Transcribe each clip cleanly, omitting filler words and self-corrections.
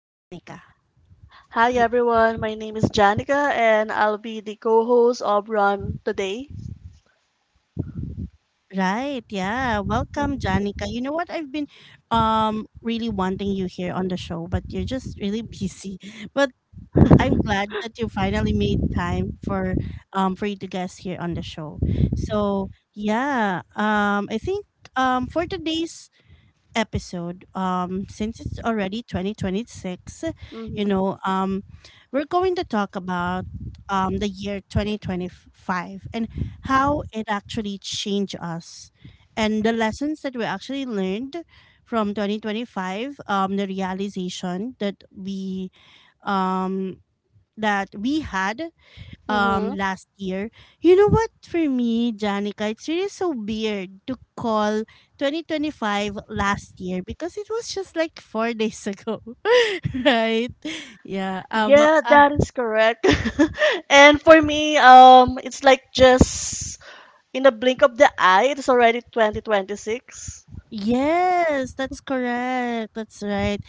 Janica. Hi Y- everyone, my name is Janica and I'll be the co-host of Run today. Right. Yeah. Welcome, Janica. You know what? I've been really wanting you here on the show, but you're just really busy. But I'm glad that you finally made time for you to guest here on the show. So yeah, I think for today's episode, since it's already 2026, you Mm-hmm. know, um, we're going to talk about the year 2025 and how it actually changed us and the lessons that we actually learned from 2025, the realization that um, we had Mm-hmm. last year. You know what, for me, Janica, it's really so weird to call 2025 last year because it was just like 4 days ago. Right? Yeah. Yeah, that is correct. And for me, it's like just in the blink of the eye, it's already 2026. Yes, that's correct. That's right.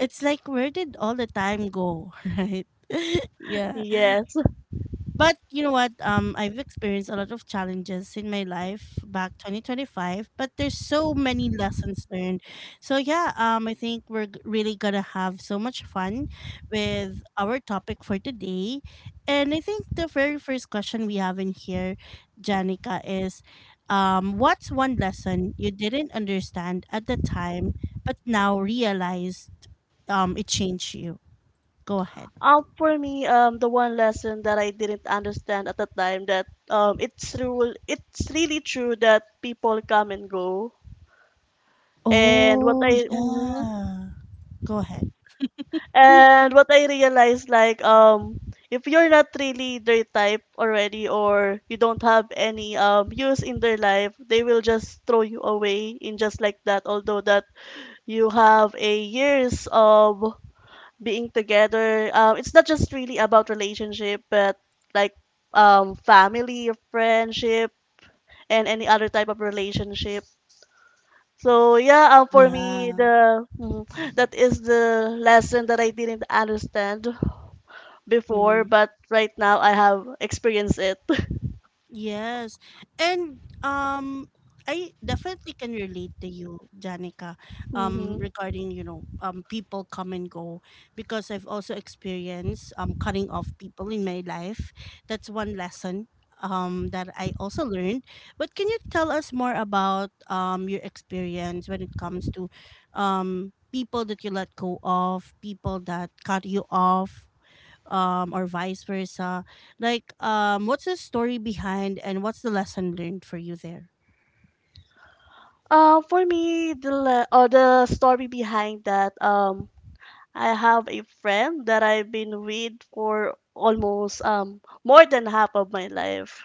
It's like, where did all the time go, right? Yeah. Yes. But you know what? I've experienced a lot of challenges in my life back 2025, but there's so many lessons learned. So yeah, I think we're really gonna have so much fun with our topic for today. And I think the very first question we have in here, Janica, is what's one lesson you didn't understand at the time, but now realized it changed you? Go ahead. For me, the one lesson that I didn't understand at the time that it's true, it's really true that people come and go. And what Oh, I, mhm. yeah. Go ahead. And what I realized, if you're not really their type already or you don't have any use in their life, they will just throw you away in just like that. Although that you have a years of being together, it's not just really about relationship, but like family, friendship, and any other type of relationship. So yeah, for me Yeah. the mm, that is the lesson that I didn't understand before, Hmm. but right now I have experienced it. Yes. And I definitely can relate to you, Janica, Mm-hmm. regarding people come and go, because I've also experienced cutting off people in my life. That's one lesson that I also learned. But can you tell us more about your experience when it comes to people that you let go of, people that cut you off? Or vice versa, like what's the story behind and what's the lesson learned for you there? For me, or the story behind that, I have a friend that I've been with for almost more than half of my life.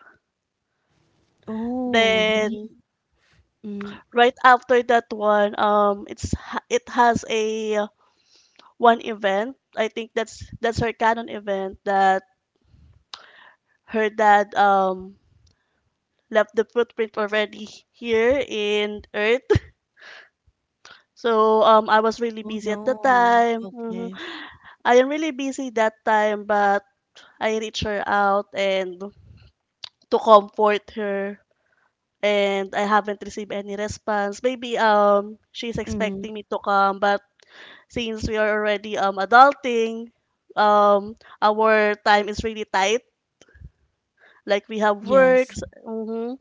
Oh, Then really? Mm. right after that one, it has a one event. I think that's her canon event that her dad left the footprint already here in Earth. So I was really Oh busy no. at the time. Okay. I am really busy that time, but I reached her out and to comfort her, and I haven't received any response. Maybe she's Mm. expecting me to come, but since we are already adulting, um our time is really tight. Like we have Yes. works.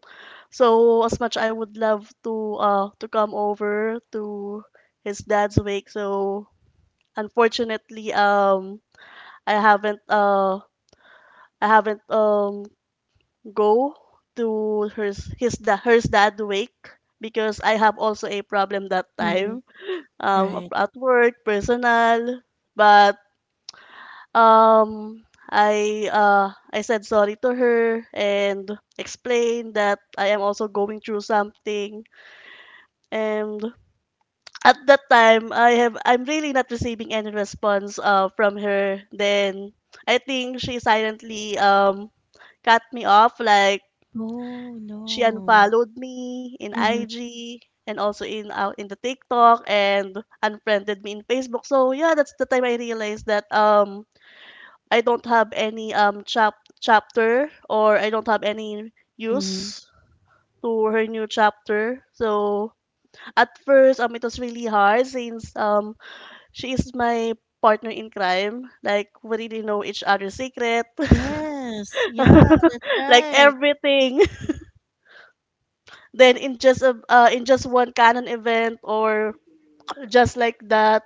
So as much I would love to come over to his dad's wake, so unfortunately I haven't uh I haven't go to her dad wake because I have also a problem that Mm. time Right. at work personal. But I said sorry to her and explained that I am also going through something, and at that time I'm really not receiving any response from her. Then I think she silently cut me off. Like Oh she no. unfollowed me in Mm-hmm. IG and also in out in the TikTok and unfriended me in Facebook. So yeah, that's the time I realized that I don't have any chapter or I don't have any Mm-hmm. use to her new chapter. So at first it was really hard since she is my partner in crime. Like we really know each other's secret. Yes. Yeah, that's Like right. everything. Then in just one canon event or just like that,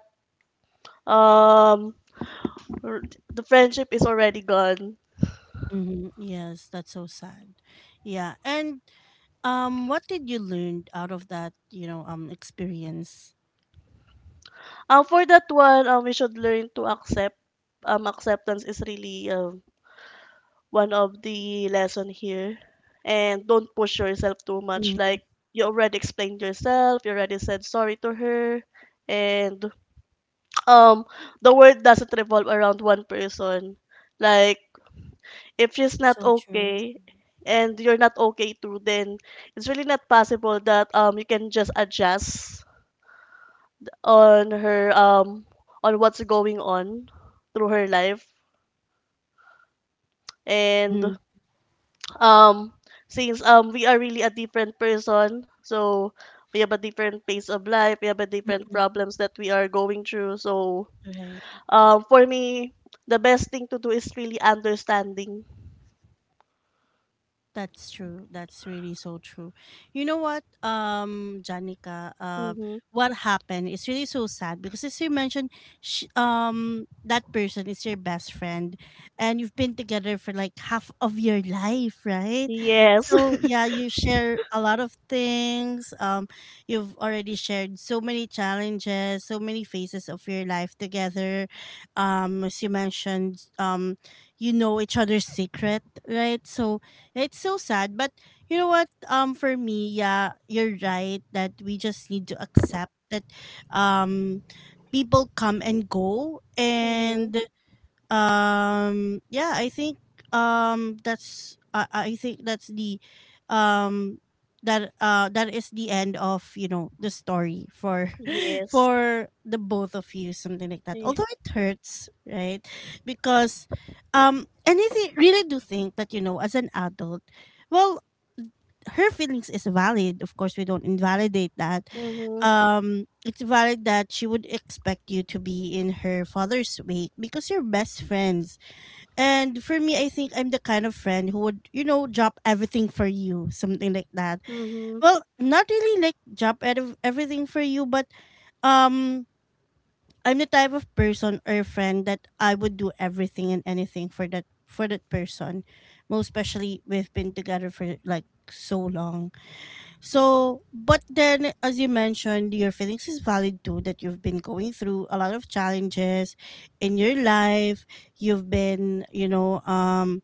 um r- the friendship is already gone. Mm-hmm. Yes, that's so sad. Yeah, and what did you learn out of that experience? For that one, we should learn to accept. Acceptance is really one of the lesson here, and don't push yourself too much. Mm-hmm. Like you already explained yourself, you already said sorry to her, and um the world doesn't revolve around one person. Like if she's not So true. okay and you're not okay too, then it's really not possible that you can just adjust on her on what's going on through her life. And Mm-hmm. um since we are really a different person, so we have a different pace of life, we have a different Mm-hmm. problems that we are going through. So Right. For me the best thing to do is really understanding. That's true. That's really so true. You know what, Janica, Mm-hmm. what happened is really so sad because, as you mentioned, sh that person is your best friend, and you've been together for like half of your life, right? Yes. So yeah, you share a lot of things. You've already shared so many challenges, so many phases of your life together. As you mentioned, you know each other's secret, right? So yeah, it's so sad, but you know what? For me, yeah, you're right that we just need to accept that, um, people come and go, Mm-hmm. and yeah, I think I think that's the um that is the end of the story for Yes. for the both of you, something like that, although it hurts, right? Because really do think that, as an adult, well, her feelings is valid, of course, we don't invalidate that. Mhm. It's valid that she would expect you to be in her father's weight because you're best friends. And for me, I think I'm the kind of friend who would, drop everything for you, something like that. Mhm. Well, not really like drop out of everything for you, but um, I'm the type of person or friend that I would do everything and anything for that person. Most especially we've been together for like so long. So, but then, as you mentioned, your feelings is valid too, that you've been going through a lot of challenges in your life. You've been, you know, um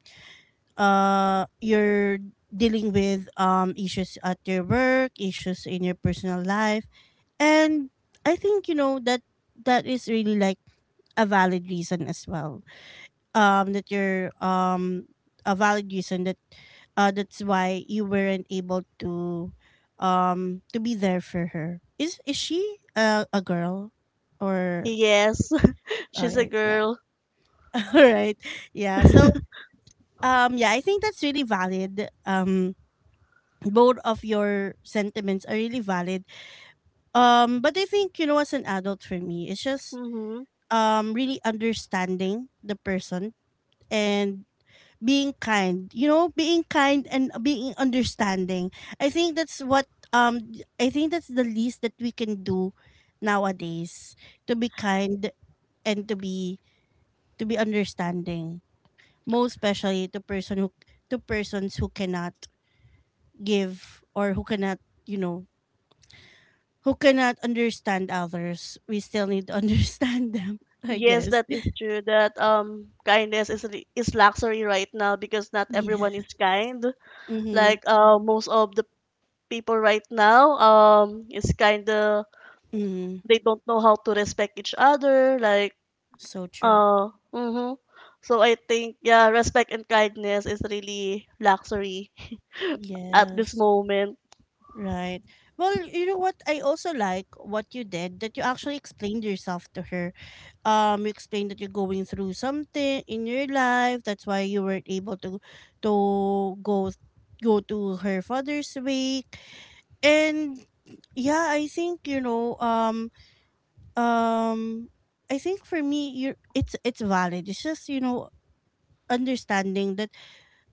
you're dealing with issues at your work, issues in your personal life, and I think that that is really like a valid reason as well, that you're a valid reason that that's why you weren't able to be there for her. Is she a girl or... Yes, All she's a right, yeah. girl. All right. Yeah. So yeah, I think that's really valid. Both of your sentiments are really valid. But I think, as an adult, for me, it's just Mm-hmm. Really understanding the person, and being kind. You know, being kind and being understanding. I think that's what— um I think that's the least that we can do nowadays, to be kind, and to be understanding. Most especially to persons who cannot give, or who cannot, you know who cannot understand others, we still need to understand them, I Yes, guess. that is true. That kindness is is luxury right now because not Yeah. everyone is kind. Mhm. Like most of the people right now is kind of Mhm. they don't know how to respect each other. Like So true. Mm-hmm. So I think yeah, respect and kindness is really luxury at this Yes. moment. Right. Well, you know what? I also like what you did, that you actually explained yourself to her. You explained that you're going through something in your life. That's why you weren't able to to go go to her father's wake. And yeah, I think, you know. Um, I think for me, you it's valid. It's just, understanding that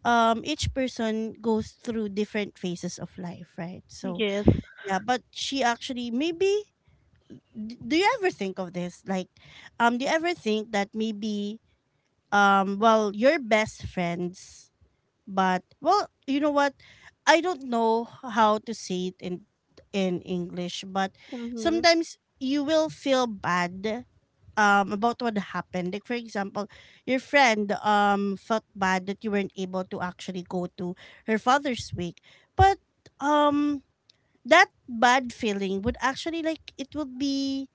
each person goes through different phases of life, right? So Yes. yeah, but she actually maybe— do you ever think of this? Like, do you ever think that maybe well, you're best friends, but well, you know what, I don't know how to say it in English, but Mm-hmm. sometimes you will feel bad about what happened, like for example, your friend felt bad that you weren't able to actually go to her father's wake, but um that bad feeling would actually, like,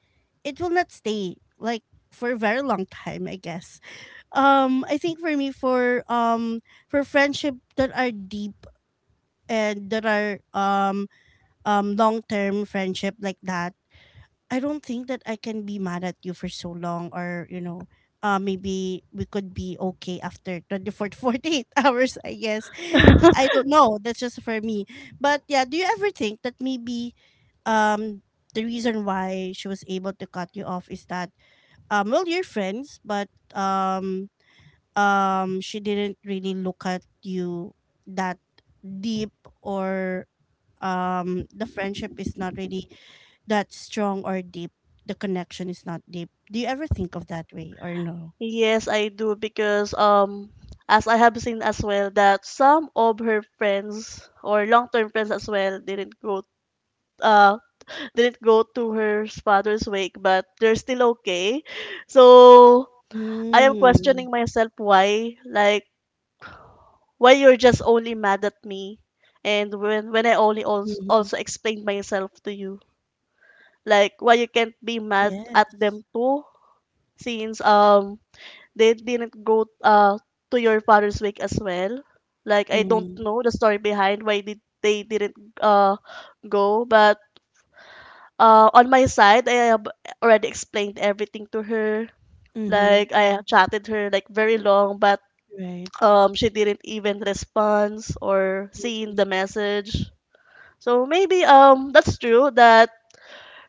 it will not stay, like, for a very long time, I guess. I think for me, for friendship that are deep, and that are long term friendship like that, I don't think that I can be mad at you for so long, or, maybe we could be okay after 24 to 48 hours, I guess. I don't know. That's just for me. But yeah, do you ever think that maybe um, the reason why she was able to cut you off is that, well, you're friends, but um, she didn't really look at you that deep, or the friendship is not really that strong or deep, the connection is not deep? Do you ever think of that way, or no? Yes, I do because as I have seen as well that some of her friends or long-term friends as well uh didn't go to her father's wake but they're still okay. So I am questioning Mm. myself why. Like why you're just only mad at me and when I only Mm-hmm. also explained myself to you. Like why you can't be mad at them Yes. too since they didn't go to your father's wake as well. Like I don't Mm. know the story behind why did they didn't go, but on my side I have already explained everything to her. Mm-hmm. Like I chatted her like very long, but Right. She didn't even respond or seen Mm. the message. So maybe that's true that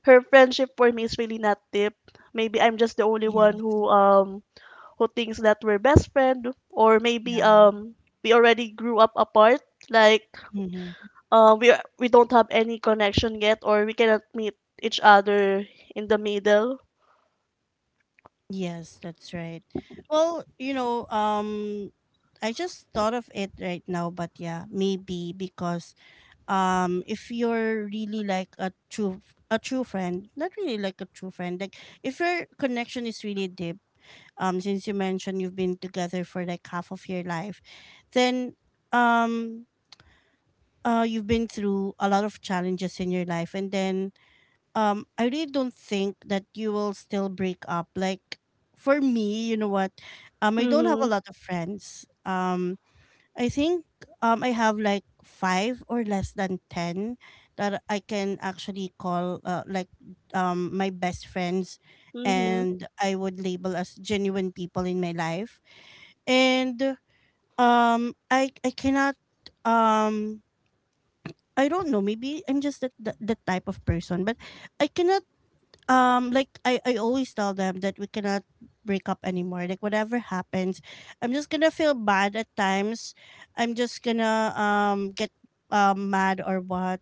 her friendship for me is really not deep. Maybe I'm just the only one Yes. Who thinks that we're best friend or maybe Yeah. We already grew up apart. Like Mm-hmm. uh, we we don't have any connection yet or we cannot meet each other in the middle. Yes, that's right. Well, I just thought of it right now, but yeah, maybe because, if you're really like a true— a true friend not really like a true friend, like, if your connection is really deep, since you mentioned you've been together for like half of your life, then um you've been through a lot of challenges in your life, and then I really don't think that you will still break up. Like, for me, you know what, I don't have a Mhm. lot of friends. I think I have like five or less than ten that I can actually call, like, my best friends, Mhm. and I would label as genuine people in my life. And I cannot, um I don't know, maybe I'm just the type of person, but I cannot, like, I always tell them that we cannot break up anymore. Like, whatever happens, I'm just gonna feel bad at times. I'm just gonna get mad or what.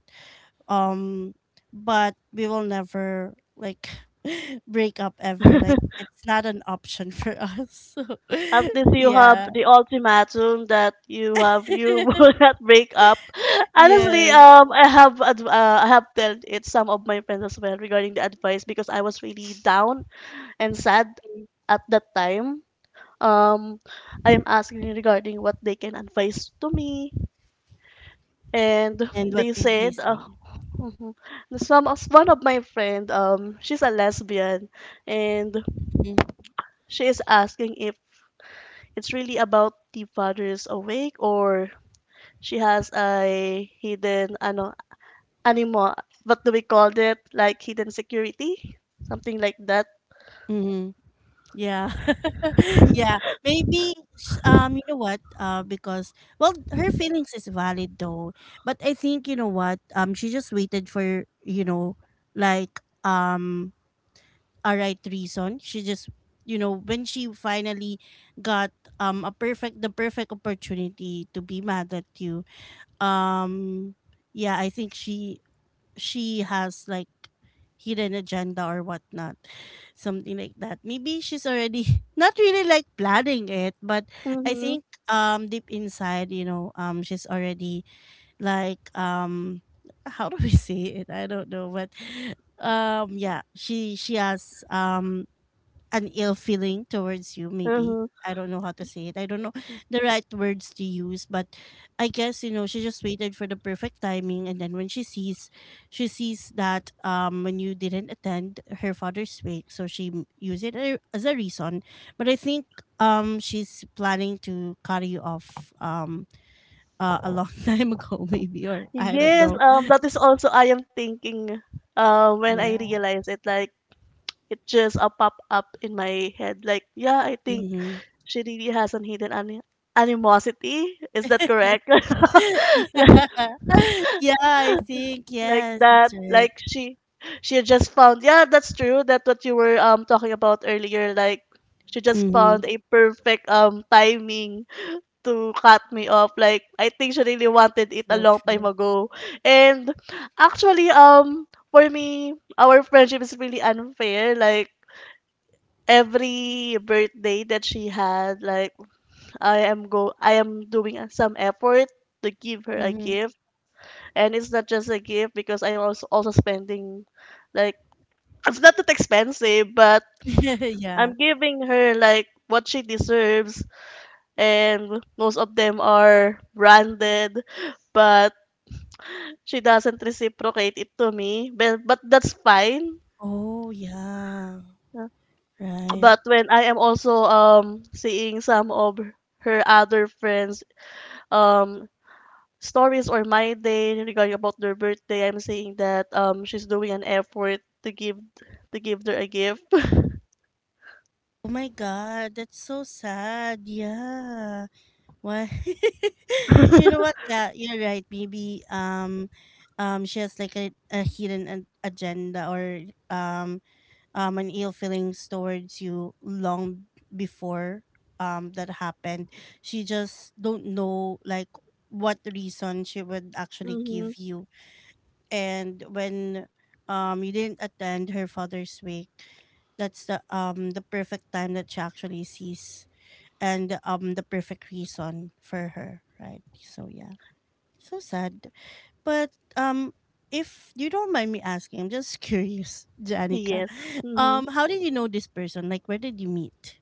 Um but we will never like break up ever. Like, it's not an option for us. So At least you have yeah. the ultimatum that you will not break up. Honestly, Yes. I have told it some of my friends as well regarding the advice because I was really down and sad at that time. Um, I am asking regarding what they can advise to me, and And what they did they said, say? mhm, one of my friend, she's a lesbian, and Mm-hmm. she is asking if it's really about the father is awake or she has a hidden ano animo. What do we call it? Like hidden security, something like that. Mm-hmm. Yeah. Yeah, maybe you know what, because, well, her feelings is valid though, but I think, you know what, she just waited for, like, a right reason. She just, when she finally got, a perfect the perfect opportunity to be mad at you. um yeah, I think she has like hidden agenda or whatnot, something like that. Maybe she's already not really like planning it, but I Mm-hmm. think deep inside, she's already like how do we say it? I don't know, but yeah, she has an ill feeling towards you maybe. Mm-hmm. I don't know how to say it. I don't know the right words to use, but I guess, you know, she just waited for the perfect timing, and then when she sees that when you didn't attend her father's wake, so she used it as a reason. But I think she's planning to cut you off, a long time ago maybe, or I don't Yes, know. That is also I am thinking. When I Yeah. realize it, like it just pop up in my head like yeah I think Hmm. she really has an hidden animosity. Is that correct? Yeah. Yeah, I think, Like yes, that. that's right. Like she just found, yeah that's true, that's what you were talking about earlier. Like she just found Mhm. a perfect timing to cut me off. Like I think she really wanted it a So long time true. ago. And actually, for me our friendship is really unfair. Like every birthday that she had, like I am doing some effort to give her a Mhm. gift, and it's not just a gift because I'm also spending like it's not that expensive, but Yeah. I'm giving her like what she deserves, and most of them are branded. But she doesn't reciprocate it to me, but that's fine. Oh, yeah. Uh, Right. but when I am also seeing some of her other friends um stories or my day regarding about their birthday, I'm saying that she's doing an effort to give her a gift. Oh my God, that's so sad. Yeah. Why? You know what? Yeah, you're right. Maybe she has like a hidden an agenda, or an ill feelings towards you long before that happened. She just don't know like what reason she would actually Mm-hmm. give you. And when you didn't attend her father's wake, that's the perfect time that she actually sees, and the perfect reason for her, right? So yeah, so sad. But um if you don't mind me asking, I'm just curious, Janica, Yes. Mm-hmm. How did you know this person? Like, where did you meet?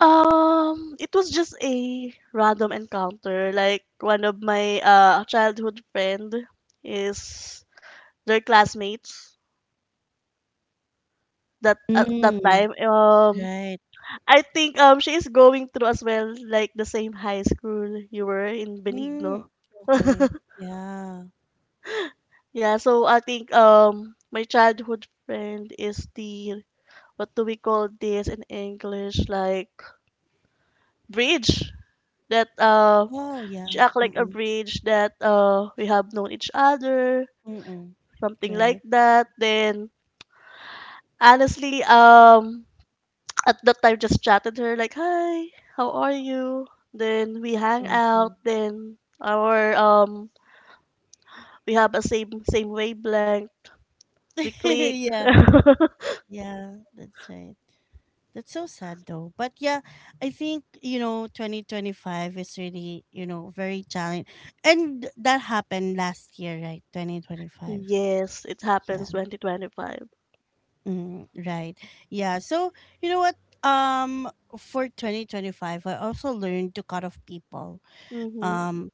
It was just a random encounter. Like one of my childhood friend is their classmates that at that Mm, time. Right. I think she is going through as well like the same high school you were in Mm, Benigno. okay. Yeah. Yeah, so I think my childhood friend is the, what do we call this in English? Like bridge that Oh, she yeah. act like a Mm-mm. bridge that we have known each other, Mm-mm. something like Right. that. Then honestly, at that time just chatted her like, "Hi, how are you?" Then we hang Mm-hmm. out, then our we have a same wavelength, we click. Yeah, that's right. That's so sad though. But yeah, I think, you know, 2025 is really, you know, very challenging. And that happened last year, right? 2025. Yes, it Yeah. happens 2025. Mm, right. Yeah. So, you know what? Um for 2025, I also learned to cut off people. Mhm. Um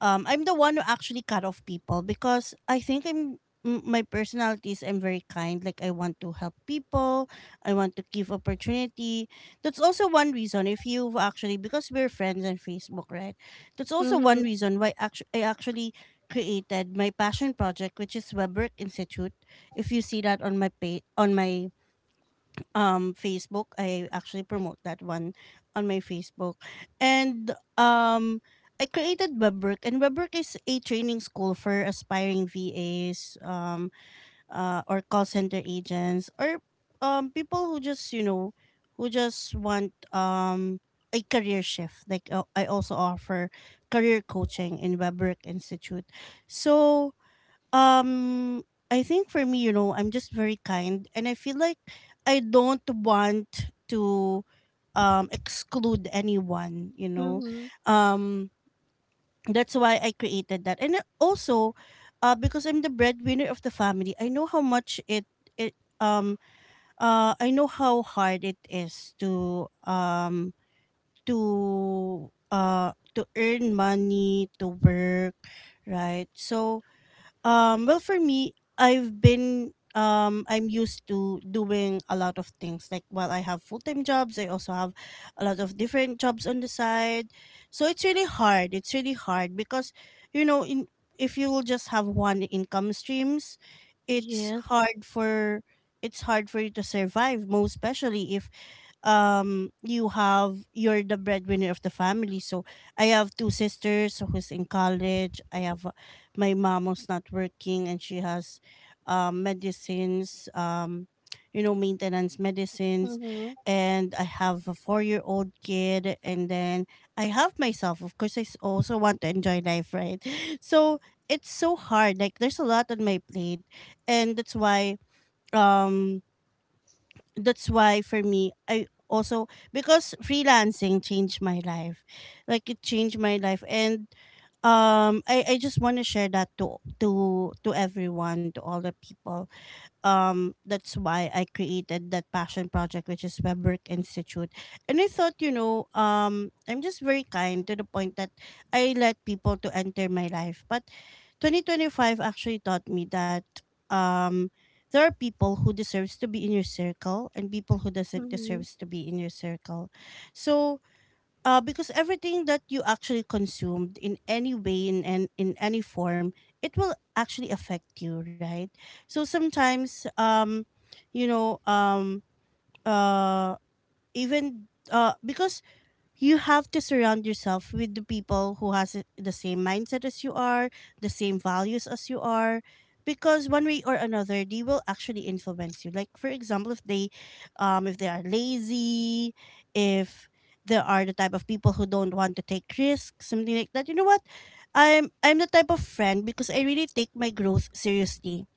I'm the one who actually cut off people, because I think I'm my personality is I'm very kind. Like, I want to help people. I want to give opportunity. That's also one reason, if you've actually, because we're friends on Facebook, right? That's also one Mhm. reason why I actually created my passion project, which is WebWork Institute. If you see that on my page, on my Facebook. I actually promote that one on my Facebook. And um I created WebWork, and WebWork is a training school for aspiring VAs, or call center agents, or people who just, you know, who just want a career shift. Like, I also offer career coaching in WebWork Institute. So um, I think for me, you know, I'm just very kind, and I feel like I don't want to exclude anyone. You know, Mhm. um, that's why I created that. And also, because I'm the breadwinner of the family, I know how much it it um I know how hard it is to to earn money, to work, right? So well, for me, I've been I'm used to doing a lot of things. Like, while I have full time jobs, I also have a lot of different jobs on the side. So it's really hard. It's really hard because, you know, in if you will just have one income streams, it's Yes. hard for it's hard for you to survive. Most especially if you have you're the breadwinner of the family. So I have two sisters who's in college. I have my mom who's not working, and she has medicines, you know, maintenance medicines. Mhm. And I have a 4 year old kid, and then I have myself, of course. I also want to enjoy life, right? So it's so hard. Like, there's a lot on my plate, and that's why, um that's why for me I also, because freelancing changed my life. Like, it changed my life. And I just want to share that to to everyone, to all the people, that's why I created that passion project, which is Webwork Institute. And I thought, you know, I'm just very kind to the point that I let people to enter my life. But 2025 actually taught me that um there are people who deserves to be in your circle, and people who doesn't Mhm. deserves to be in your circle. So because everything that you actually consumed in any way, in any form, it will actually affect you, right? So sometimes, you know, uh, even because you have to surround yourself with the people who has the same mindset as you are, the same values as you are, because one way or another they will actually influence you. Like, for example, if they are lazy, if there are the type of people who don't want to take risks, something like that. You know what? I'm the type of friend because I really take my growth seriously.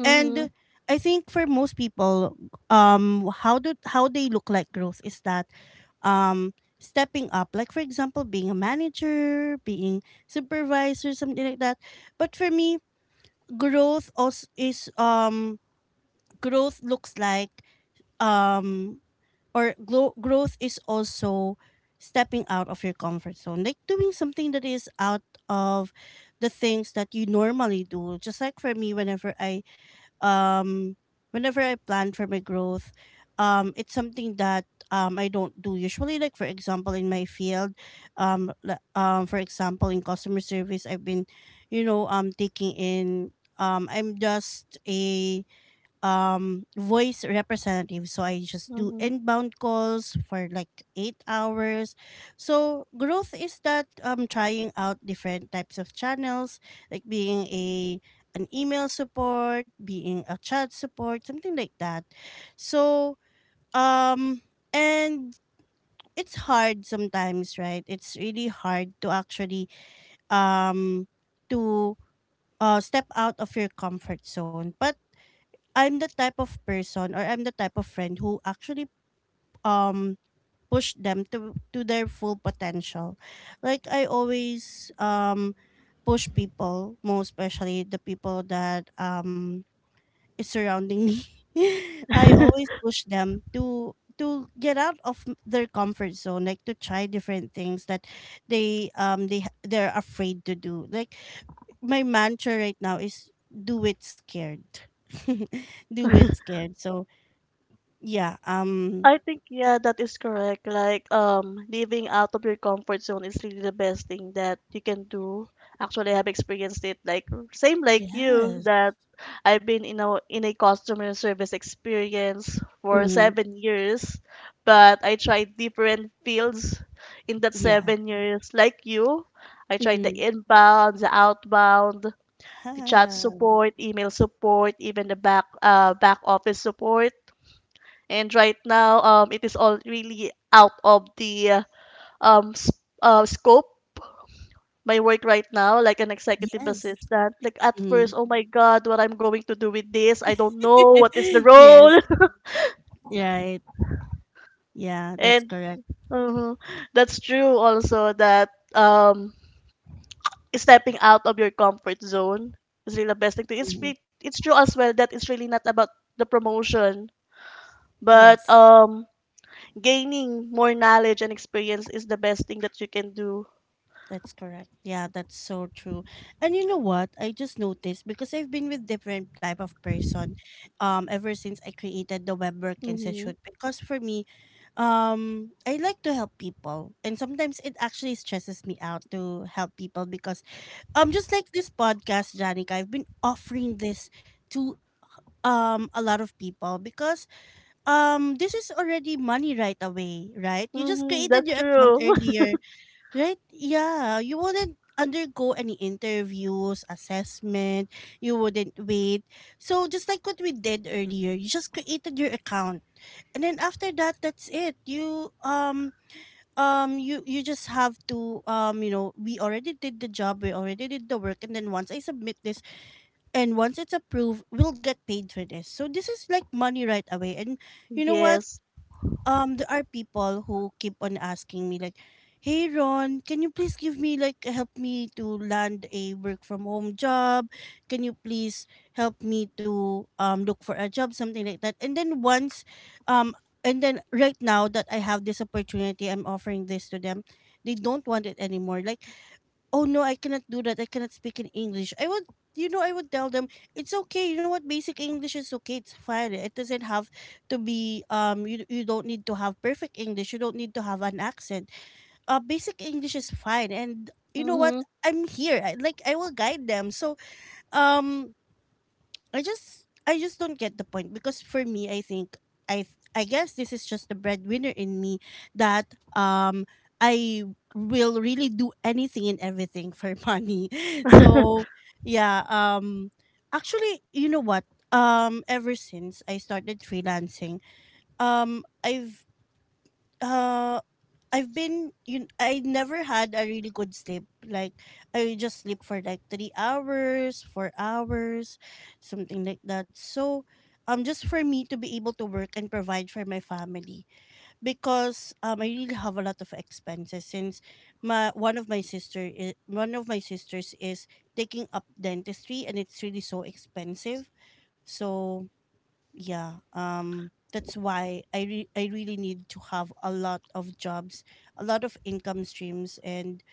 Mhm. And I think for most people, how do how they look like growth is that stepping up, like for example being a manager, being supervisor, something like that. But for me, growth also is growth looks like um or glo- growth is also stepping out of your comfort zone, like doing something that is out of the things that you normally do. Just like for me, um whenever I plan for my growth, it's something that I don't do usually. Like, for example, in my field, for example, in customer service, I've been, you know, taking in I'm just a voice representative, so I just do Mhm. inbound calls for like 8 hours. So growth is that, trying out different types of channels, like being a an email support, being a chat support, something like that. So um and it's hard sometimes, right? It's really hard to actually um to step out of your comfort zone. But I'm the type of person, or I'm the type of friend, who actually um push them to their full potential. Like, I always push people, most especially the people that is surrounding me. I always push them to get out of their comfort zone, like to try different things that they they're afraid to do. Like, my mantra right now is do it scared. Do it scared. So yeah, I think yeah, that is correct. Like living out of your comfort zone is really the best thing that you can do. Actually, I have experienced it like same like you Yes. that I've been in a customer service experience for Mhm, 7 years, but I tried different fields in that yeah. 7 years. Like you, I tried the Mm, inbound, the outbound, the chat huh. support, email support, even the back office support. And right now, it is all really out of the um s- scope my work right now, like an executive Yes. assistant. Like at first, Mhm. oh my God, what I'm going to do with this? I don't know what is the role. Yes, right. Yeah, that's And correct. uh, that's true also that um stepping out of your comfort zone is really the best thing to. Mhm. It's true as well that it's really not about the promotion, but Yes, gaining more knowledge and experience is the best thing that you can do. that's correct. Yeah, that's so true. And you know what? I just noticed, because I've been with different type of person ever since I created the Web Work Mhm. Institute. Because for me, I like to help people, and sometimes it actually stresses me out to help people, because just like this podcast, Janica, I've been offering this to a lot of people, because this is already money right away, right? You just Hmm. created That's your account true. earlier, right? Yeah. You wouldn't undergo any interviews, assessment, you wouldn't wait. So just like what we did earlier, you just created your account, and then after that, that's it. You just have to, you know, we already did the job, we already did the work, and then once I submit this and once it's approved, we'll get paid for this. So this is like money right away. And you know what, Yes. There are people who keep on asking me, like, hey, Ron, can you please give me like help me to land a work from home job? Can you please help me to look for a job, something like that? And then um right now that I have this opportunity, I'm offering this to them, they don't want it anymore. Like, oh no, I cannot do that. I cannot speak in English. I would, you know, I would tell them it's okay. You know what? Basic English is okay. It's fine. It doesn't have to be You you don't need to have perfect English. You don't need to have an accent. Basic English is fine. And you know what? Mm-hmm. I'm here. Like, I will guide them. So um, I just don't get the point, because for me I think I I guess this is just the breadwinner in me that um I will really do anything and everything for money. So yeah, actually, you know what? Ever since I started freelancing, um I've uh I've been you I never had a really good sleep. Like, I just sleep for like 3 hours, 4 hours, something like that. So just for me to be able to work and provide for my family, because I really have a lot of expenses since my one of my sister is, one of my sisters is taking up dentistry, and it's really so expensive. So yeah, that's why I really need to have a lot of jobs, a lot of income streams. And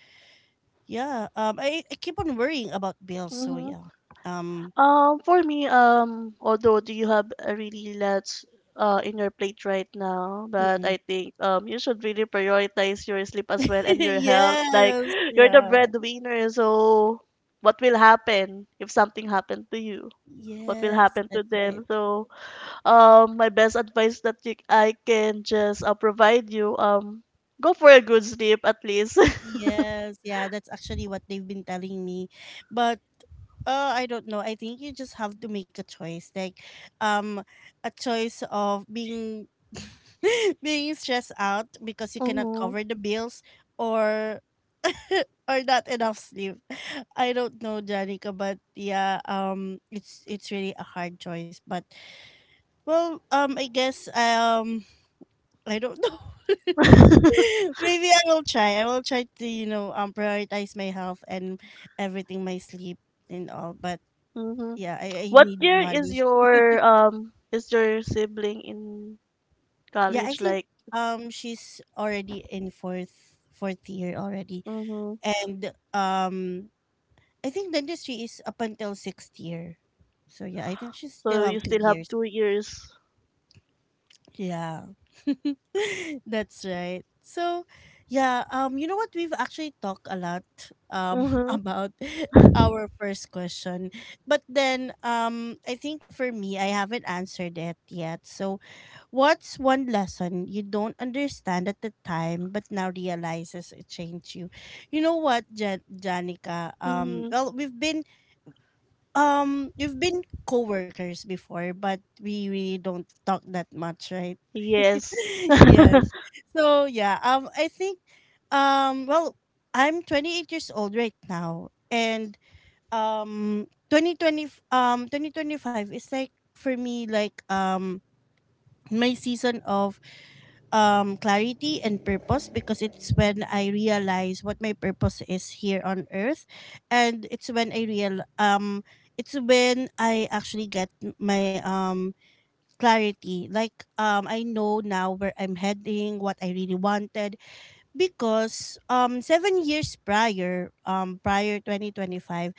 yeah, I keep on worrying about bills. So Mm-hmm. yeah, um For me, although do you have a really lot in your plate right now, but mm-mm. I think you should really prioritize your sleep as well and your health. Like Yes, you're the yeah. breadwinner, so what will happen if something happened to you? What will Yes, happen that's to right. them? So my best advice that you, I can just provide you, go for a good sleep at least. Yes, yeah, that's actually what they've been telling me. But I don't know. I think you just have to make a choice. Like, um a choice of being being stressed out because you cannot Mm-hmm. cover the bills, or or not enough sleep. I don't know, Janica, but yeah, it's really a hard choice. But well, I don't know. Maybe I will try. I will try to, prioritize my health and everything, my sleep and all. But Mm-hmm. yeah, I What need year money. Is your sibling in Yeah, I college think like? She's already in fourth year already. Mm-hmm. And I think dentistry is up until sixth year. So yeah, I think she still So have you two still years. have 2 years. Yeah. That's right. So, yeah, you know what, we've actually talked a lot um Mm-hmm. about our first question. But then I think for me, I haven't answered it yet. So, what's one lesson you don't understand at the time but now realizes it changed you? You know what, Janica, Mm-hmm. well, we've been you've been coworkers before, but we really don't talk that much, right? Yes. Yes. So yeah, I think, well, I'm 28 years old right now, and 2020, 2025 is like for me, like my season of clarity and purpose, because it's when I realize what my purpose is here on earth, and it's when I real it's when I actually get my clarity, like, I know now where I'm heading, what I really wanted. Because 7 years prior, prior 2025,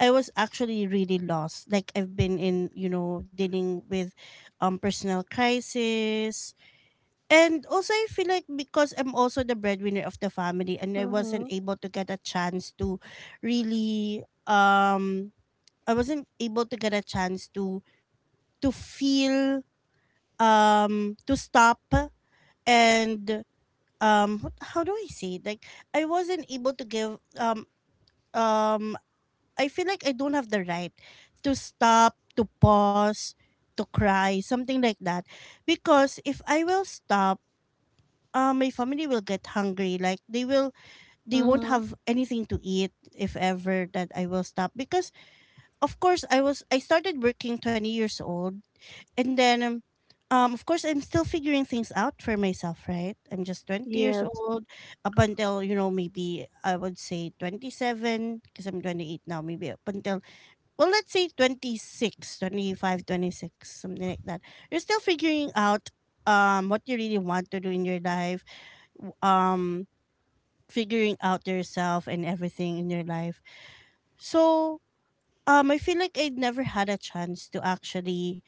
I was actually really lost. Like, I've been in you know dealing with personal crisis. And also, I feel like because I'm also the breadwinner of the family, and I wasn't Mm-hmm. able to get a chance to really, I wasn't able to get a chance to feel, to stop, and how do I say it? Like, I wasn't able to give, um, I feel like I don't have the right to stop, to pause, to cry, something like that, because if I will stop, my family will get hungry. Like, they won't Mm-hmm. have anything to eat if ever that I will stop. Because of course, I started working 20 years old, and then of course I'm still figuring things out for myself. Right, I'm just 20 years Yes. old, up until, you know, maybe I would say 27, because I'm 28 now. Maybe up until, well, let's say 26, 25, 26, something like that. You're still figuring out what you really want to do in your life, w- um figuring out yourself and everything in your life. So, I feel like I never had a chance to actually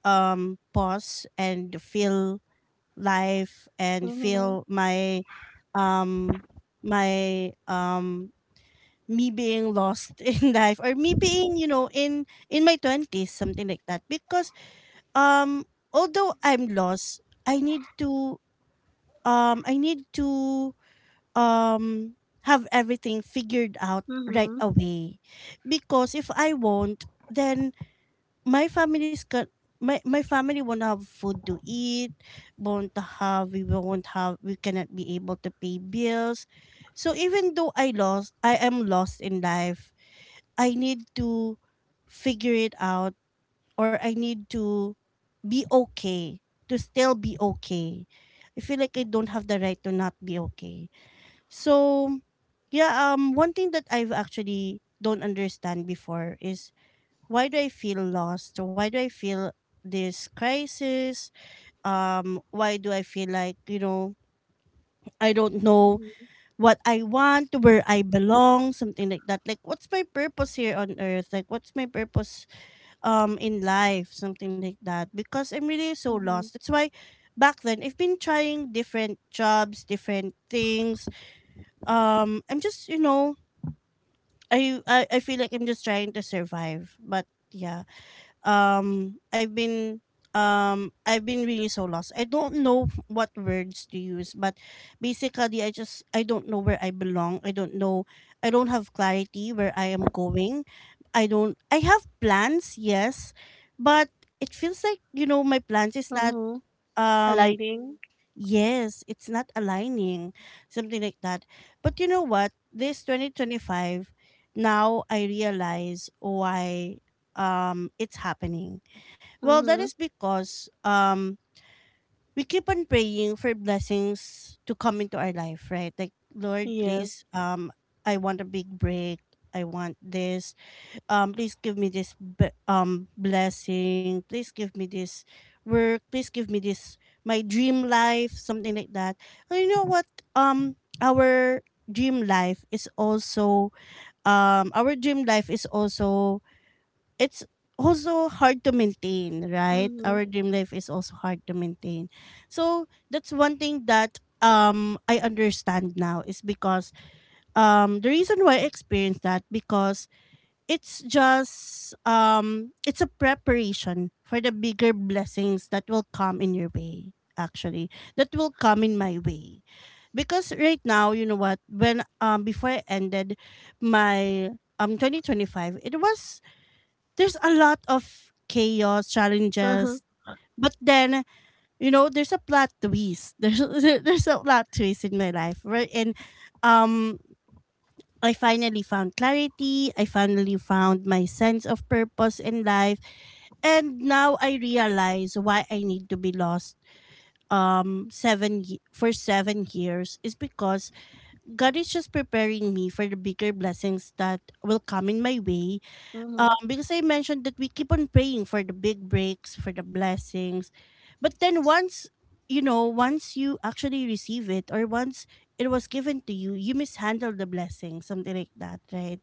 pause and feel life, and Mm-hmm. feel my um my um me being lost in life, or me being, you know, in my 20s, something like that, because um although I'm lost, i need to I need to um have everything figured out right Mm-hmm. away. Because if I won't, then my family's got my family won't have food to eat, won't have we cannot be able to pay bills. So even though I am lost in life, I need to figure it out, or I need to be okay, to still be okay. I feel like I don't have the right to not be okay. So, yeah, one thing that I've actually don't understand before is: why do I feel lost? Why do I feel this crisis? Why do I feel like, I don't know what I want, where I belong, something like that? Like, what's my purpose here on earth? Like, what's my purpose in life? Something like that. Because I'm really so lost. Mm-hmm. That's why back then I've been trying different jobs, different things. I'm just, I feel like I'm just trying to survive. But yeah, um, I've been I've been really so lost. I don't know what words to use, but basically, I don't know where I belong. I don't know. I don't have clarity where I am going. I don't. I have plans, yes, but it feels like, my plans is not Mm-hmm. um Aligning. Yes, it's not aligning, something like that. But you know what? This 2025, now I realize why it's happening. Well, that Mm-hmm. is because we keep on praying for blessings to come into our life, right? Like, Lord, Yes. please, I want a big break. I want this please give me this, blessing. Please give me this work. Please give me this, my dream life, something like that. And you know what, um our dream life is also, um our dream life is also it's also hard to maintain, right. Mm-hmm. Our dream life is also hard to maintain. So that's one thing that I understand now, is because the reason why I experienced that, because it's just, it's a preparation for the bigger blessings that will come in your way, actually that will come in my way. Because right now, you know what, when before I ended my 2025, it was there's a lot of chaos, Mm-hmm. challenges. But then, you know, there's a plot twist there's a plot twist in my life, right. And um I finally found clarity. I finally found my sense of purpose in life. And now I realize why I need to be lost, for 7 years, is because God is just preparing me for the bigger blessings that will come in my way. Mm-hmm. Because I mentioned that we keep on praying for the big breaks, for the blessings. But then, once you actually receive it, or once it was given to you, you mishandle the blessing, something like that, right?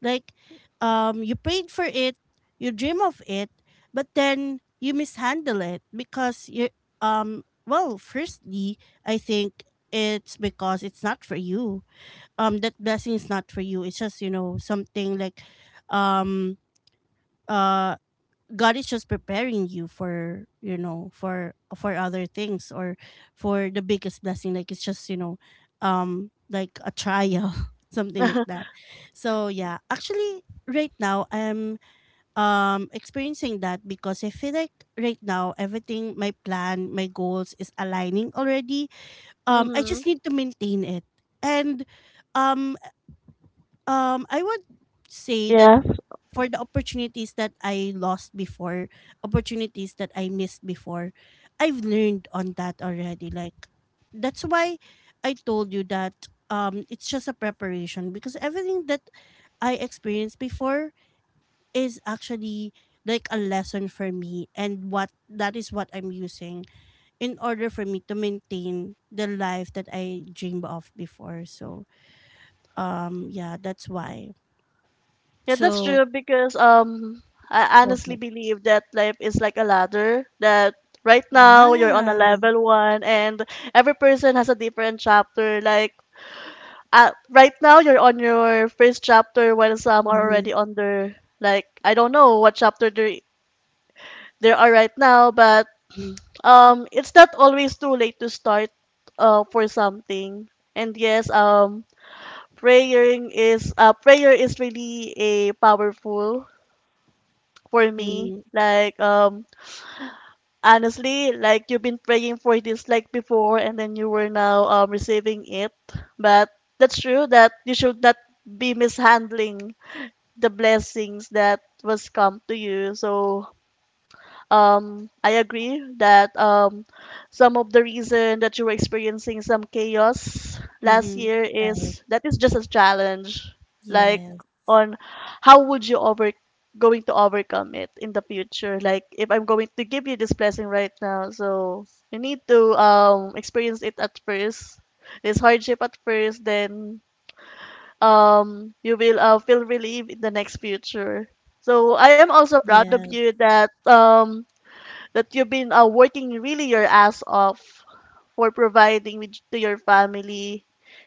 Like, you prayed for it, you dream of it, but then you mishandle it because you, well, firstly, I think it's because it's not for you. That blessing is not for you. It's just, something like, um uh God is just preparing you for, for other things, or for the biggest blessing, like it's just, like a trial something like that. So yeah, actually right now I'm experiencing that because I feel like right now everything, my plan, my goals, is aligning already. I Mm-hmm. just need to maintain it. And um I would say that Yeah. for the opportunities that I lost before, opportunities that I missed before, I've learned on that already. Like, that's why I told you that, it's just a preparation, because everything that I experienced before is actually like a lesson for me, and what that is what I'm using in order for me to maintain the life that I dreamed of before. So, yeah, that's why. Yeah, that's So true because I go honestly ahead. believe that life is like a ladder, that right now you're on a Yeah. level 1, and every person has a different chapter. Like right now you're on your first chapter, while some are Mm-hmm. already on their, like, I don't know what chapter they are right now. But Mm, it's not always too late to start for something. And yes, praying is prayer is really a powerful for me. mhm, Like honestly, like you've been praying for this like before, and then you were now receiving it. But that's true that you should not be mishandling the blessings that was come to you. So I agree that some of the reason that you were experiencing some chaos last mhm. year Right. is that is just a challenge, like Yes. on how would you over going to overcome it in the future. Like if I'm going to give you this blessing right now, so you need to experience it at first, this hardship at first, then you will feel relief in the next future. So I am also proud of Yes. you that that you've been working really your ass off for providing with, to your family.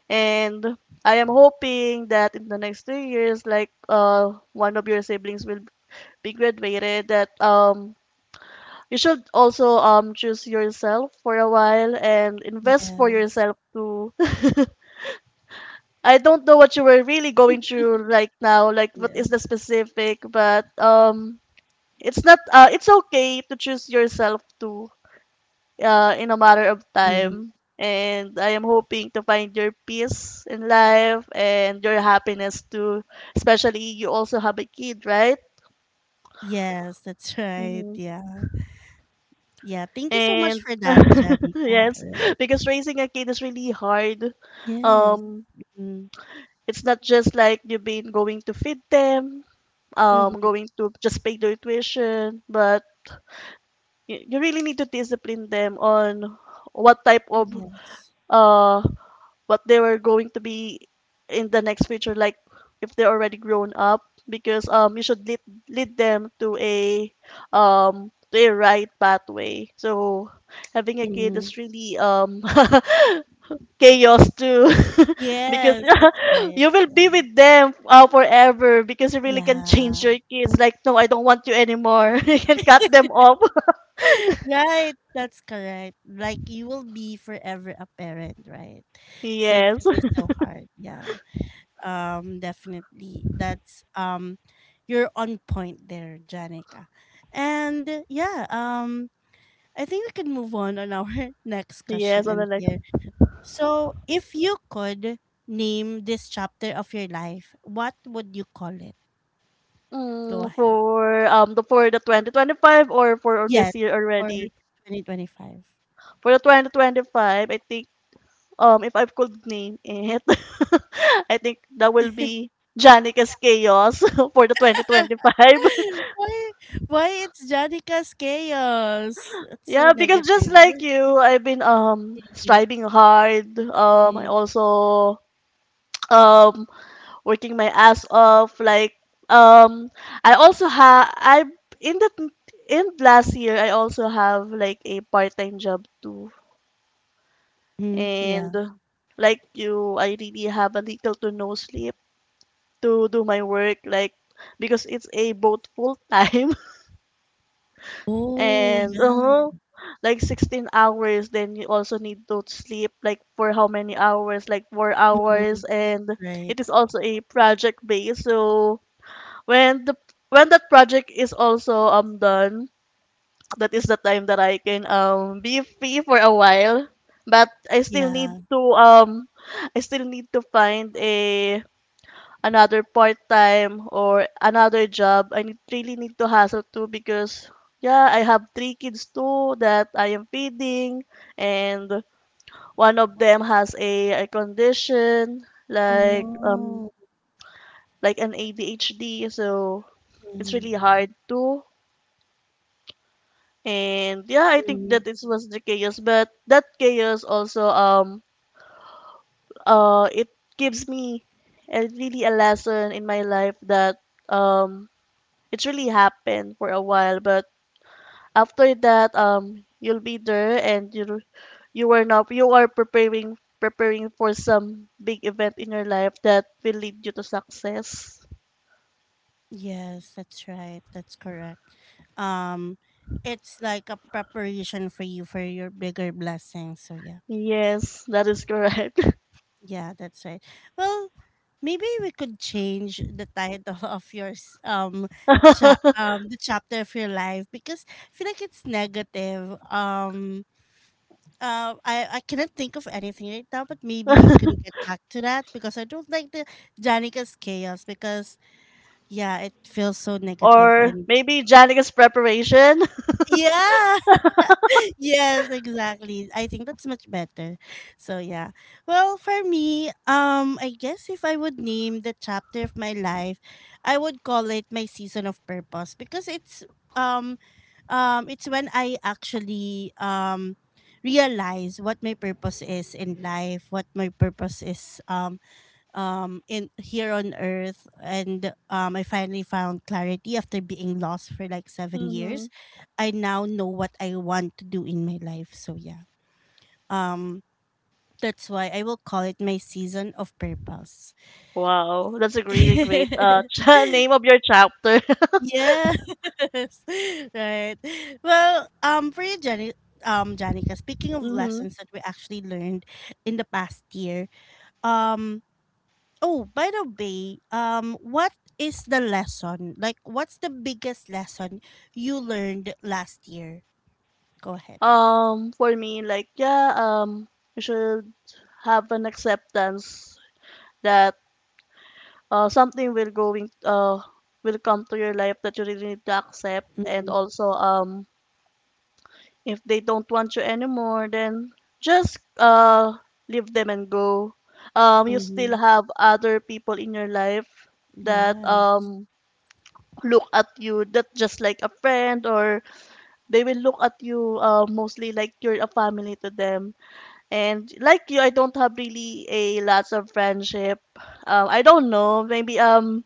And I am hoping that in the next 3 years, like one of your siblings will be graduated, that you should also choose yourself for a while and invest for Yes. yourself too. I don't know what you were really going through right now, like what Yeah. is the specific, but it's not. It's okay to choose yourself too, in a matter of Mhm. time. And I am hoping to find your peace in life and your happiness too. Especially you also have a kid, right? Yes, that's right. hmm Yeah. Yeah. Thank you so much And for that, Janica. yes, Right. because raising a kid is really hard. Yes. Um, Mm, it's not just like you've been going to feed them, mhm. going to just pay their tuition, but you really need to discipline them on what type of Yes. uh what they were going to be in the next future, like if they're already grown up. Because you should lead them to a right pathway. So having a kid Mhm. is really chaos too, because Yes, that's right. you will Yeah. be with them forever, because you really can change Yeah. your kids. Like, no, I don't want you anymore. You can cut them off. Right. That's correct. Like, you will be forever a parent, right? So it's Yes, really so hard. Yeah. Definitely. That's you're on point there, Janica. And yeah, I think we can move on our next yes, question on in the here. So, if you could name this chapter of your life, what would you call it? Go ahead. For the 2025, or Yes, this year for already? 2025. For the 2025, I think if I could name it, I think that will be Janica's Chaos for the 2025. why why it's Janica's chaos? It's so Yeah, because just negative. like you, I've been striving hard. I Mm-hmm. also um working my ass off. Like um, I also ha I in the in last year I also have like a part time job too. And Yeah. like you, I really have a little to no sleep to do my work, like because it's a both full time Oh and yeah. Like 16 hours. Then you also need to sleep like for how many hours, like 4 hours, Mhm. and it Right. is also a project based. So when the when that project is also done, that is the time that I can be free for a while. But Yeah. I still need to find a another part time or another job. I need, really need to hustle too because yeah, I have three kids too that I am feeding, and one of them has a condition, Oh like um no. like an ADHD, so it's Mhm. really hard too. And yeah, I think that Mhm. it was the chaos, but that chaos also it gives me a really a lesson in my life, that um it really happened for a while, but after that you'll be there, and you are now you are preparing for some big event in your life that will lead you to success. Yes, that's right. That's correct. Um, it's like a preparation for you, for your bigger blessing. So yeah, Yes, that is correct. yeah, that's right. Well, maybe we could change the title of yours. The chapter of your life, because I feel like it's negative. I cannot think of anything right now, but maybe you can get back to that, because I don't like the Janica's chaos, because yeah, it feels so negative, Or and maybe Janica's preparation. yeah. Yes, exactly. I think that's much better. So yeah. Well, for me, I guess if I would name the chapter of my life, I would call it my season of purpose, because um it's when I actually realize what my purpose is in life, what my purpose is in here on earth, and I finally found clarity after being lost for like 7 hmm years. I now know what I want to do in my life. So yeah. Um that's why I will call it my season of purpose. Wow, that's a really great name of your chapter. Yes. Right. Well, for you Jenny Janica, speaking of hmm lessons that we actually learned in the past year, um oh, by the way, what is the lesson? Like, what's the biggest lesson you learned last year? Go ahead. For me, like yeah, you should have an acceptance that something will come to your life that you really need to accept, and Mm-hmm. also if they don't want you anymore, then just leave them and go. You still Mm-hmm. have other people in your life that Yeah. Look at you that just like a friend, or they will look at you mostly like you're a family to them. And like you, I don't have really a lots of friendship. I don't know, maybe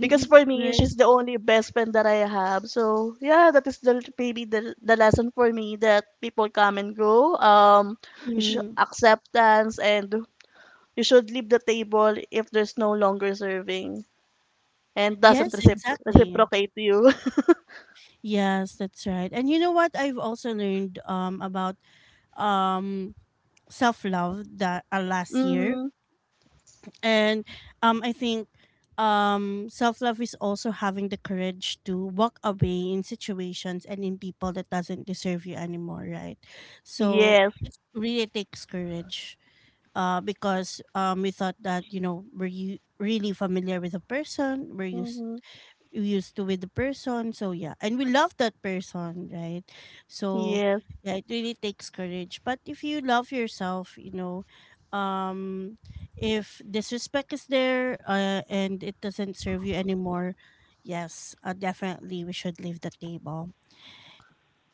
because for me, Right. she's the only best friend that I have. So yeah, that is the maybe the lesson for me, that people come and go. You should Mm. acceptance, and you should leave the table if there's no longer serving and doesn't Yes, exactly. reciprocate you. Yes, that's right. And you know what? I've also learned about um self-love that last year. Mm-hmm. And I think self love is also having the courage to walk away in situations and in people that doesn't deserve you anymore, right? So Yes. it really takes courage. Because we thought that you know were you really familiar with a person? Were you Mm-hmm. Used to with the person. So yeah, and we love that person, right? So Yes. yeah, it really takes courage. But if you love yourself, um, if disrespect is there and it doesn't serve you anymore, yes, definitely we should leave the table.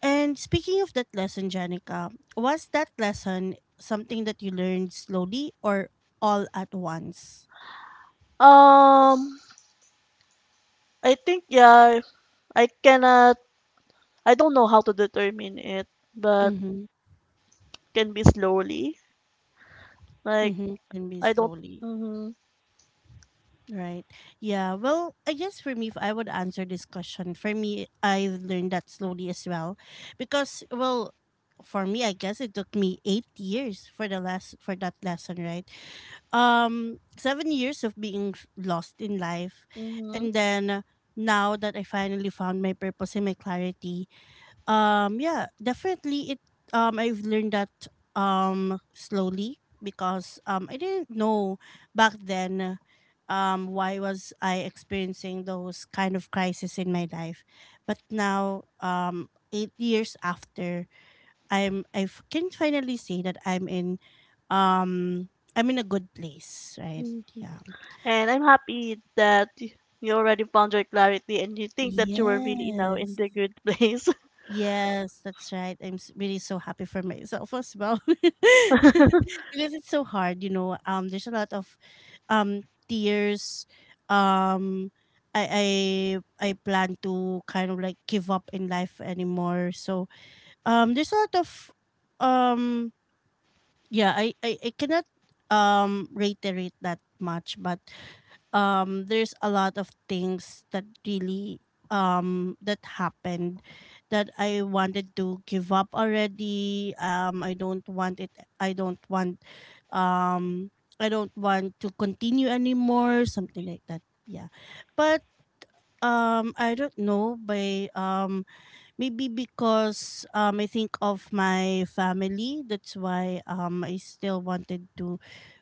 And speaking of that lesson, Janica, was that lesson something that you learned slowly or all at once? Um, I think yeah, I cannot. I don't know how to determine it, but Mm-hmm. can be slowly. Like Mm-hmm. Can be I don't. slowly. Mhm. Right. Yeah. Well, I guess for me, if I would answer this question, for me, I've learned that slowly as well. Because, well, for me, I guess it took me 8 years for the last for that lesson, right? 7 years of being lost in life, Mhm. and then now that I finally found my purpose and my clarity, yeah, definitely. It I've learned that slowly because I didn't know back then why was I experiencing those kind of crisis in my life, but now 8 years after I can finally say that um I'm in a good place, right? Mm. Yeah. And I'm happy that you already found your clarity, and you think that you were really now in Yes. the good place. Yes, that's right. Really so happy for myself as well. Because it's so hard, you know. There's a lot of um tears. Um I I I plan to kind of like give up in life anymore. So there's a lot of um yeah I cannot reiterate that much but there's a lot of things that really that happened that I wanted to give up already. I don't want it. i don't want um I don't want to continue anymore, something like that. Yeah, but I don't know by maybe because I think of my family, that's why I still wanted to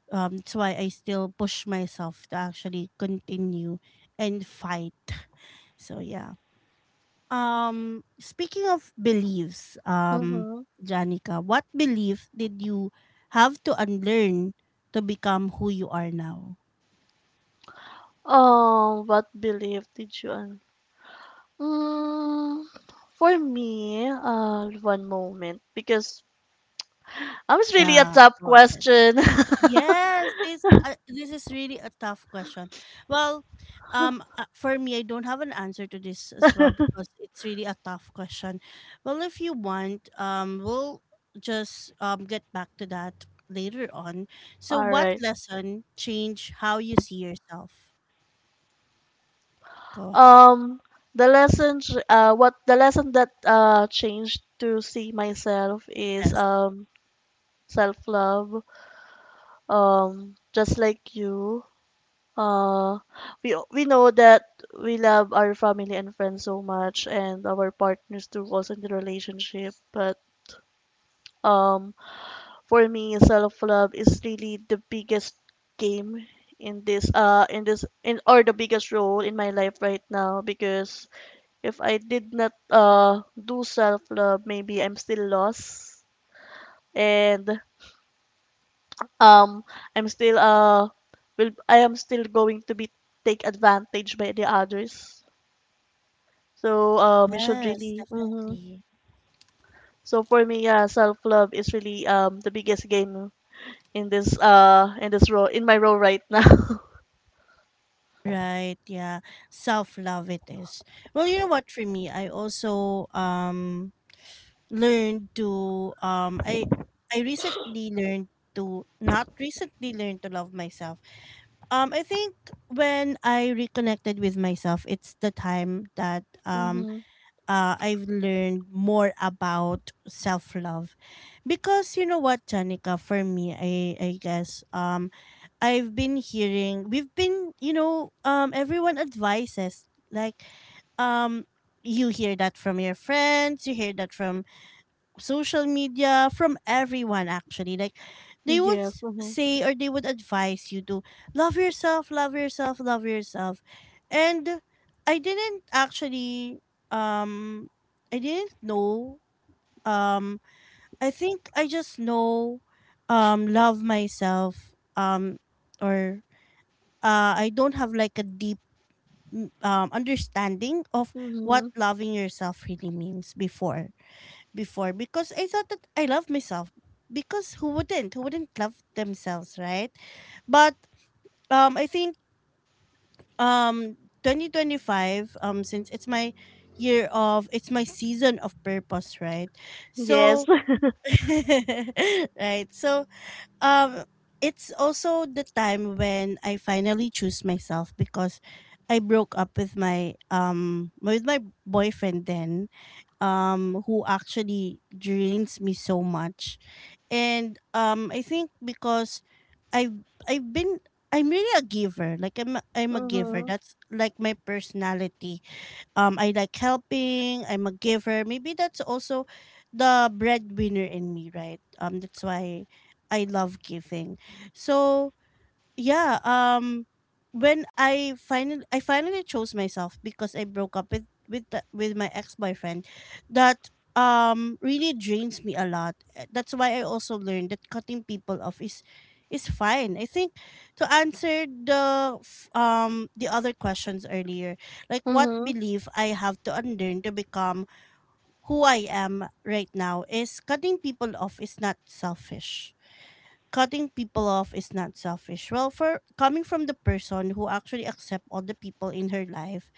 that's why I still push myself to actually continue and fight. So yeah. Speaking of beliefs, Mhm. Janica, what belief did you have to unlearn to become who you are now? Oh, what belief did you? Mm, for me, one moment because I was really a Yeah, tough go ahead. question. Yes, this is really a tough question. Well, for me, I don't have an answer to this as well because it's really a tough question. Well, if you want, we'll just get back to that later on. So, All what right. lesson changed how you see yourself? Go ahead. Um, the lesson, what the lesson that changed to see myself is Yes. Self-love. Just like you, uh, we know that we love our family and friends so much, and our partners too, also in the relationship. But um, for me, self-love is really the biggest game in this in this in or the biggest role in my life right now. Because if I did not do self love, maybe I'm still lost, and um I'm still uh I am still going to be take advantage by the others. So you should Yes, really mhm. definitely. So for me, yeah, self love is really the biggest game in this role in my role right now. Right, yeah. Self love it is. Well, you know what, for me, I also learned to I recently learned to not recently learned to love myself. I think when I reconnected with myself, it's the time that Mhm. I've learned more about self-love, because you know what, Janica, for me, I guess I've been hearing, we've been you know, everyone advises, like um you hear that from your friends, you hear that from social media, from everyone actually, like they would Yes. Mhm. say or they would advise you to love yourself, love yourself, love yourself. And I didn't actually um I didn't know. um I think I just know love myself. Or I don't have like a deep understanding of what Mhm. loving yourself really means before, because I thought that I love myself. Because who wouldn't? Who wouldn't love themselves, right? But I think um, 2025, since it's my it's my season of purpose, right? Yes. So, right. So, um, it's also the time when I finally choose myself because I broke up with my boyfriend then who actually drains me so much. And I think because i have i've been I'm really a giver, like I'm a giver, Mhm. that's like my personality. I like helping, I'm a giver, maybe that's also the breadwinner in me, right? That's why I love giving. So yeah, when I finally chose myself because I broke up with with my ex-boyfriend that really drains me a lot. That's why I also learned that cutting people off is fine. I think, to answer the other questions earlier, like what Mhm. belief I have to unlearn to become who I am right now is cutting people off is not selfish. Cutting people off is not selfish. Well, for coming from the person who actually accept all the people in her life,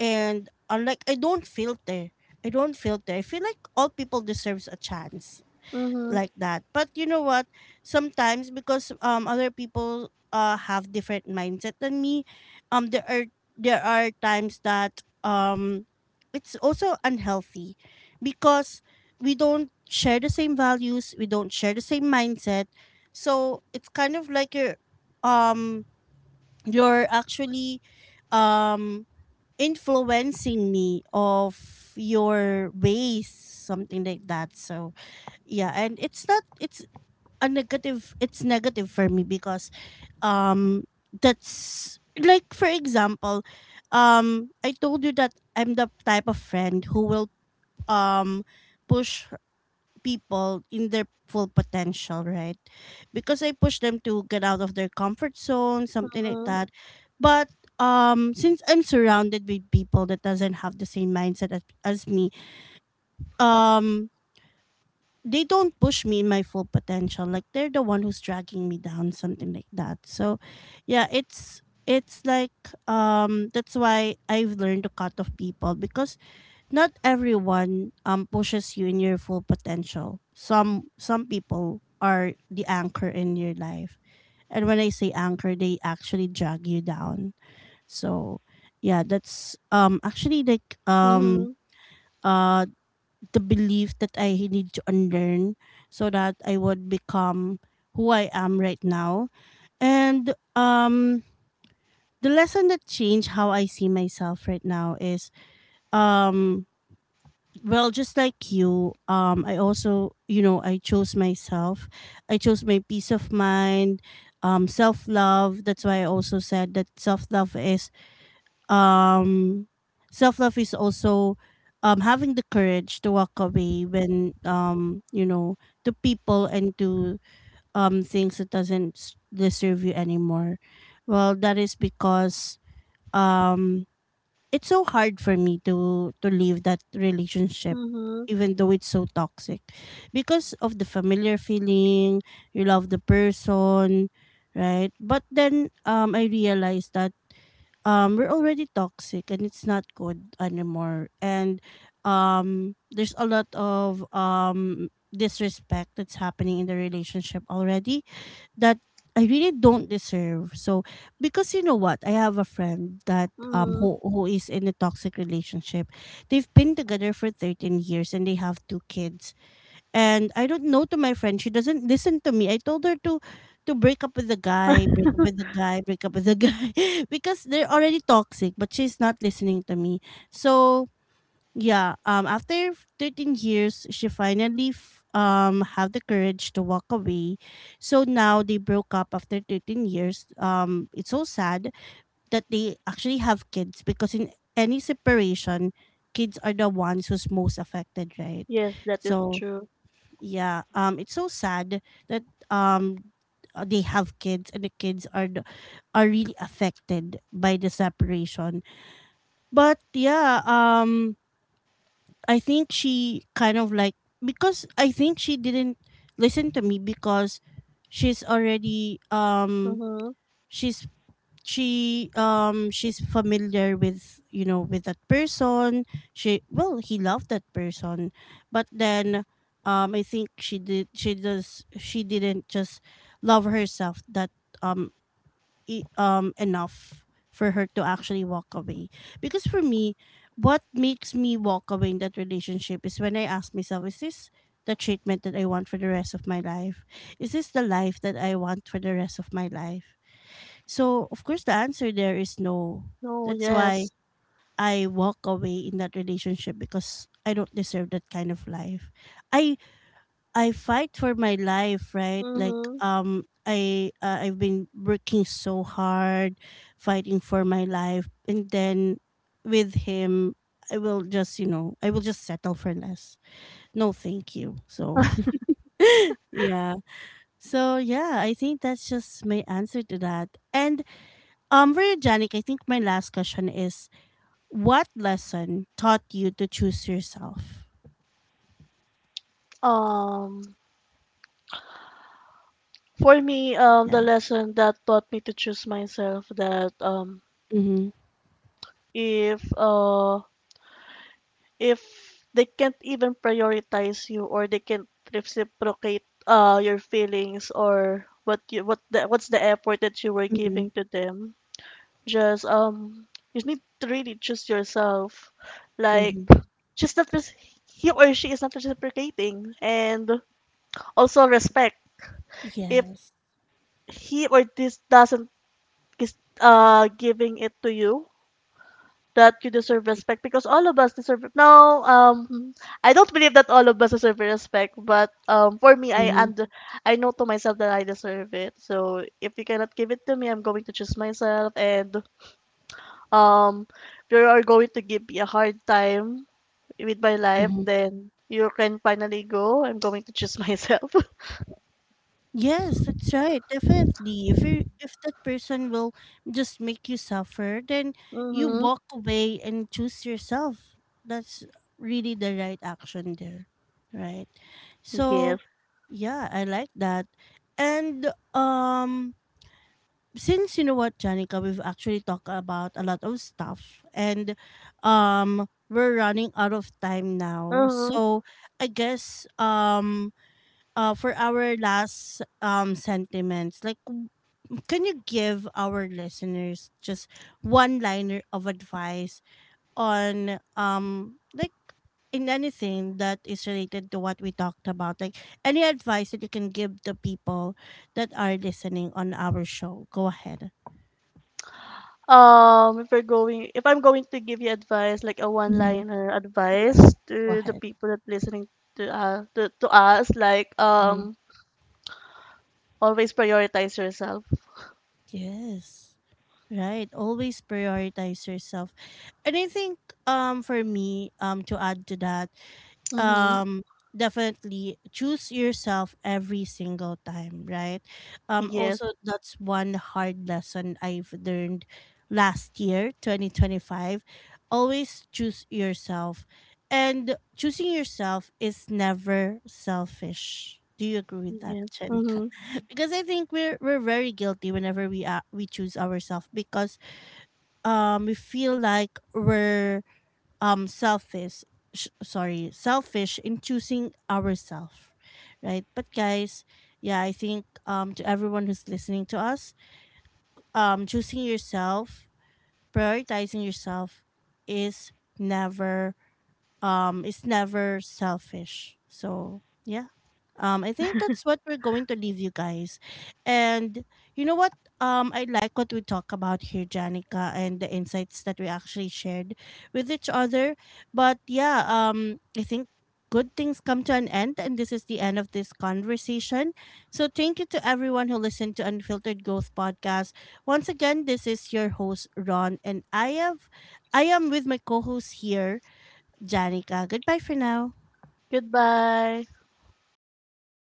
and unlike, I don't filter. I don't filter. I feel like all people deserves a chance Mhm. like that. But you know what? Sometimes because other people have different mindset than me, um there are there are times that it's also unhealthy because we don't share the same values, we don't share the same mindset. So it's kind of like um you're actually um influencing me of your ways, something like that. So yeah, and it's not, it's a negative, it's negative for me because um that's like, for example, I told you that I'm the type of friend who will um push people in their full potential, right? Because I push them to get out of their comfort zone, something like Mhm. that. But since I'm surrounded with people that doesn't have the same mindset as me, um they don't push me in my full potential, like they're the one who's dragging me down, something like that. So yeah, it's like that's why I've learned to cut off people because not everyone pushes you in your full potential. Some people are the anchor in your life, and when I say anchor, they actually drag you down. So yeah, that's actually, like, Mhm. uh the belief that I need to unlearn so that I would become who I am right now. And the lesson that changed how I see myself right now is um well, just like you, I also, you know, I chose myself. I chose my peace of mind, self-love. That's why I also said that self-love is um self love is also having the courage to walk away when you know, to people and to things that doesn't s- deserve you anymore. Well, that is because um it's so hard for me to leave that relationship Mhm. even though it's so toxic because of the familiar feeling, you love the person, right? But then I realized that we're already toxic and it's not good anymore, and there's a lot of disrespect that's happening in the relationship already that I really don't deserve. So, because you know what, I have a friend that Mhm. Who is in a toxic relationship. They've been together for 13 years and they have two kids. And I don't know, to my friend, she doesn't listen to me. I told her to break up with the guy, break up with the guy, break up with the guy because they're already toxic, but she's not listening to me. So, yeah, after 13 years, she finally have the courage to walk away. So now they broke up after 13 years. It's so sad that they actually have kids because in any separation, kids are the ones who's most affected, right? Yes, that is So true. yeah, it's so sad that um they have kids and the kids are are really affected by the separation. But yeah, I think she kind of like, because I think she didn't listen to me because she's already Mm-hmm. she's she she's familiar with, you know, with that person. She well He loved that person, but then I think she didn't just love herself that um enough for her to actually walk away. Because for me, what makes me walk away in that relationship is when I ask myself, is this the treatment that I want for the rest of my life? Is this the life that I want for the rest of my life? So, of course, the answer there is no. No, That's why yes. I walk away in that relationship because I don't deserve that kind of life. I I fight for my life, right? Like Mm-hmm. I've been working so hard fighting for my life, and then with him, I will just, you know, I will just settle for less. No, thank you. So, yeah. So, yeah, I think that's just my answer to that. And for you, Janik, I think my last question is, what lesson taught you to choose yourself? Um, for me, the Yeah. lesson that taught me to choose myself, that Mm-hmm. if uh, if they can't even prioritize you, or they can't reciprocate your feelings, or what's the effort that you were Mm-hmm. giving to them, just you need to really choose yourself. Like, Mm-hmm. she's not rec- he or she is not reciprocating, and also respect. If Yes. he or this doesn't is giving it to you, that you deserve respect, because all of us deserve it. No, I don't believe that all of us deserve respect, but for me, Mm-hmm. I know to myself that I deserve it. So if you cannot give it to me, I'm going to choose myself. And um if you are going to give me a hard time with my life, Mm-hmm. then you can finally go. I'm going to choose myself. Yes, that's right. Definitely. If you, if that person will just make you suffer, then you Mm-hmm. walk away and choose yourself. That's really the right action there. Right? Yes. So yeah, I like that. And since, you know what, Janica, we've actually talked about a lot of stuff, and we're running out of time now. Mm-hmm. So I guess for our last sentiments, like, can you give our listeners just one liner of advice on like, in anything that is related to what we talked about, like, any advice that you can give the people that are listening on our show, go ahead. If I'm going to give you advice, like a one-liner advice Yes, go to the ahead. people that listening to us, like Mhm. Always prioritize yourself. Yes. Right. Always prioritize yourself. And I think for me, to add to that, Mm-hmm. um definitely choose yourself every single time, right? Yes. Also, that's one hard lesson I've learned last year, 2025. Always choose yourself, and choosing yourself is never selfish. Do you agree with that, Yes. Chenika? Mm-hmm. Because I think we're very guilty whenever we choose ourselves because we feel like we're selfish, sorry, selfish in choosing ourselves, right? But guys, yeah, I think to everyone who's listening to us, choosing yourself, prioritizing yourself is never is never selfish. So yeah. I think that's what we're going to leave you guys. And you know what? I like what we talk about here, Janica, and the insights that we actually shared with each other. But yeah, I think good things come to an end, and this is the end of this conversation. So thank you to everyone who listened to Unfiltered Growth Podcast. Once again, this is your host Ron, and I am with my co-host here, Janica. Goodbye for now. Goodbye.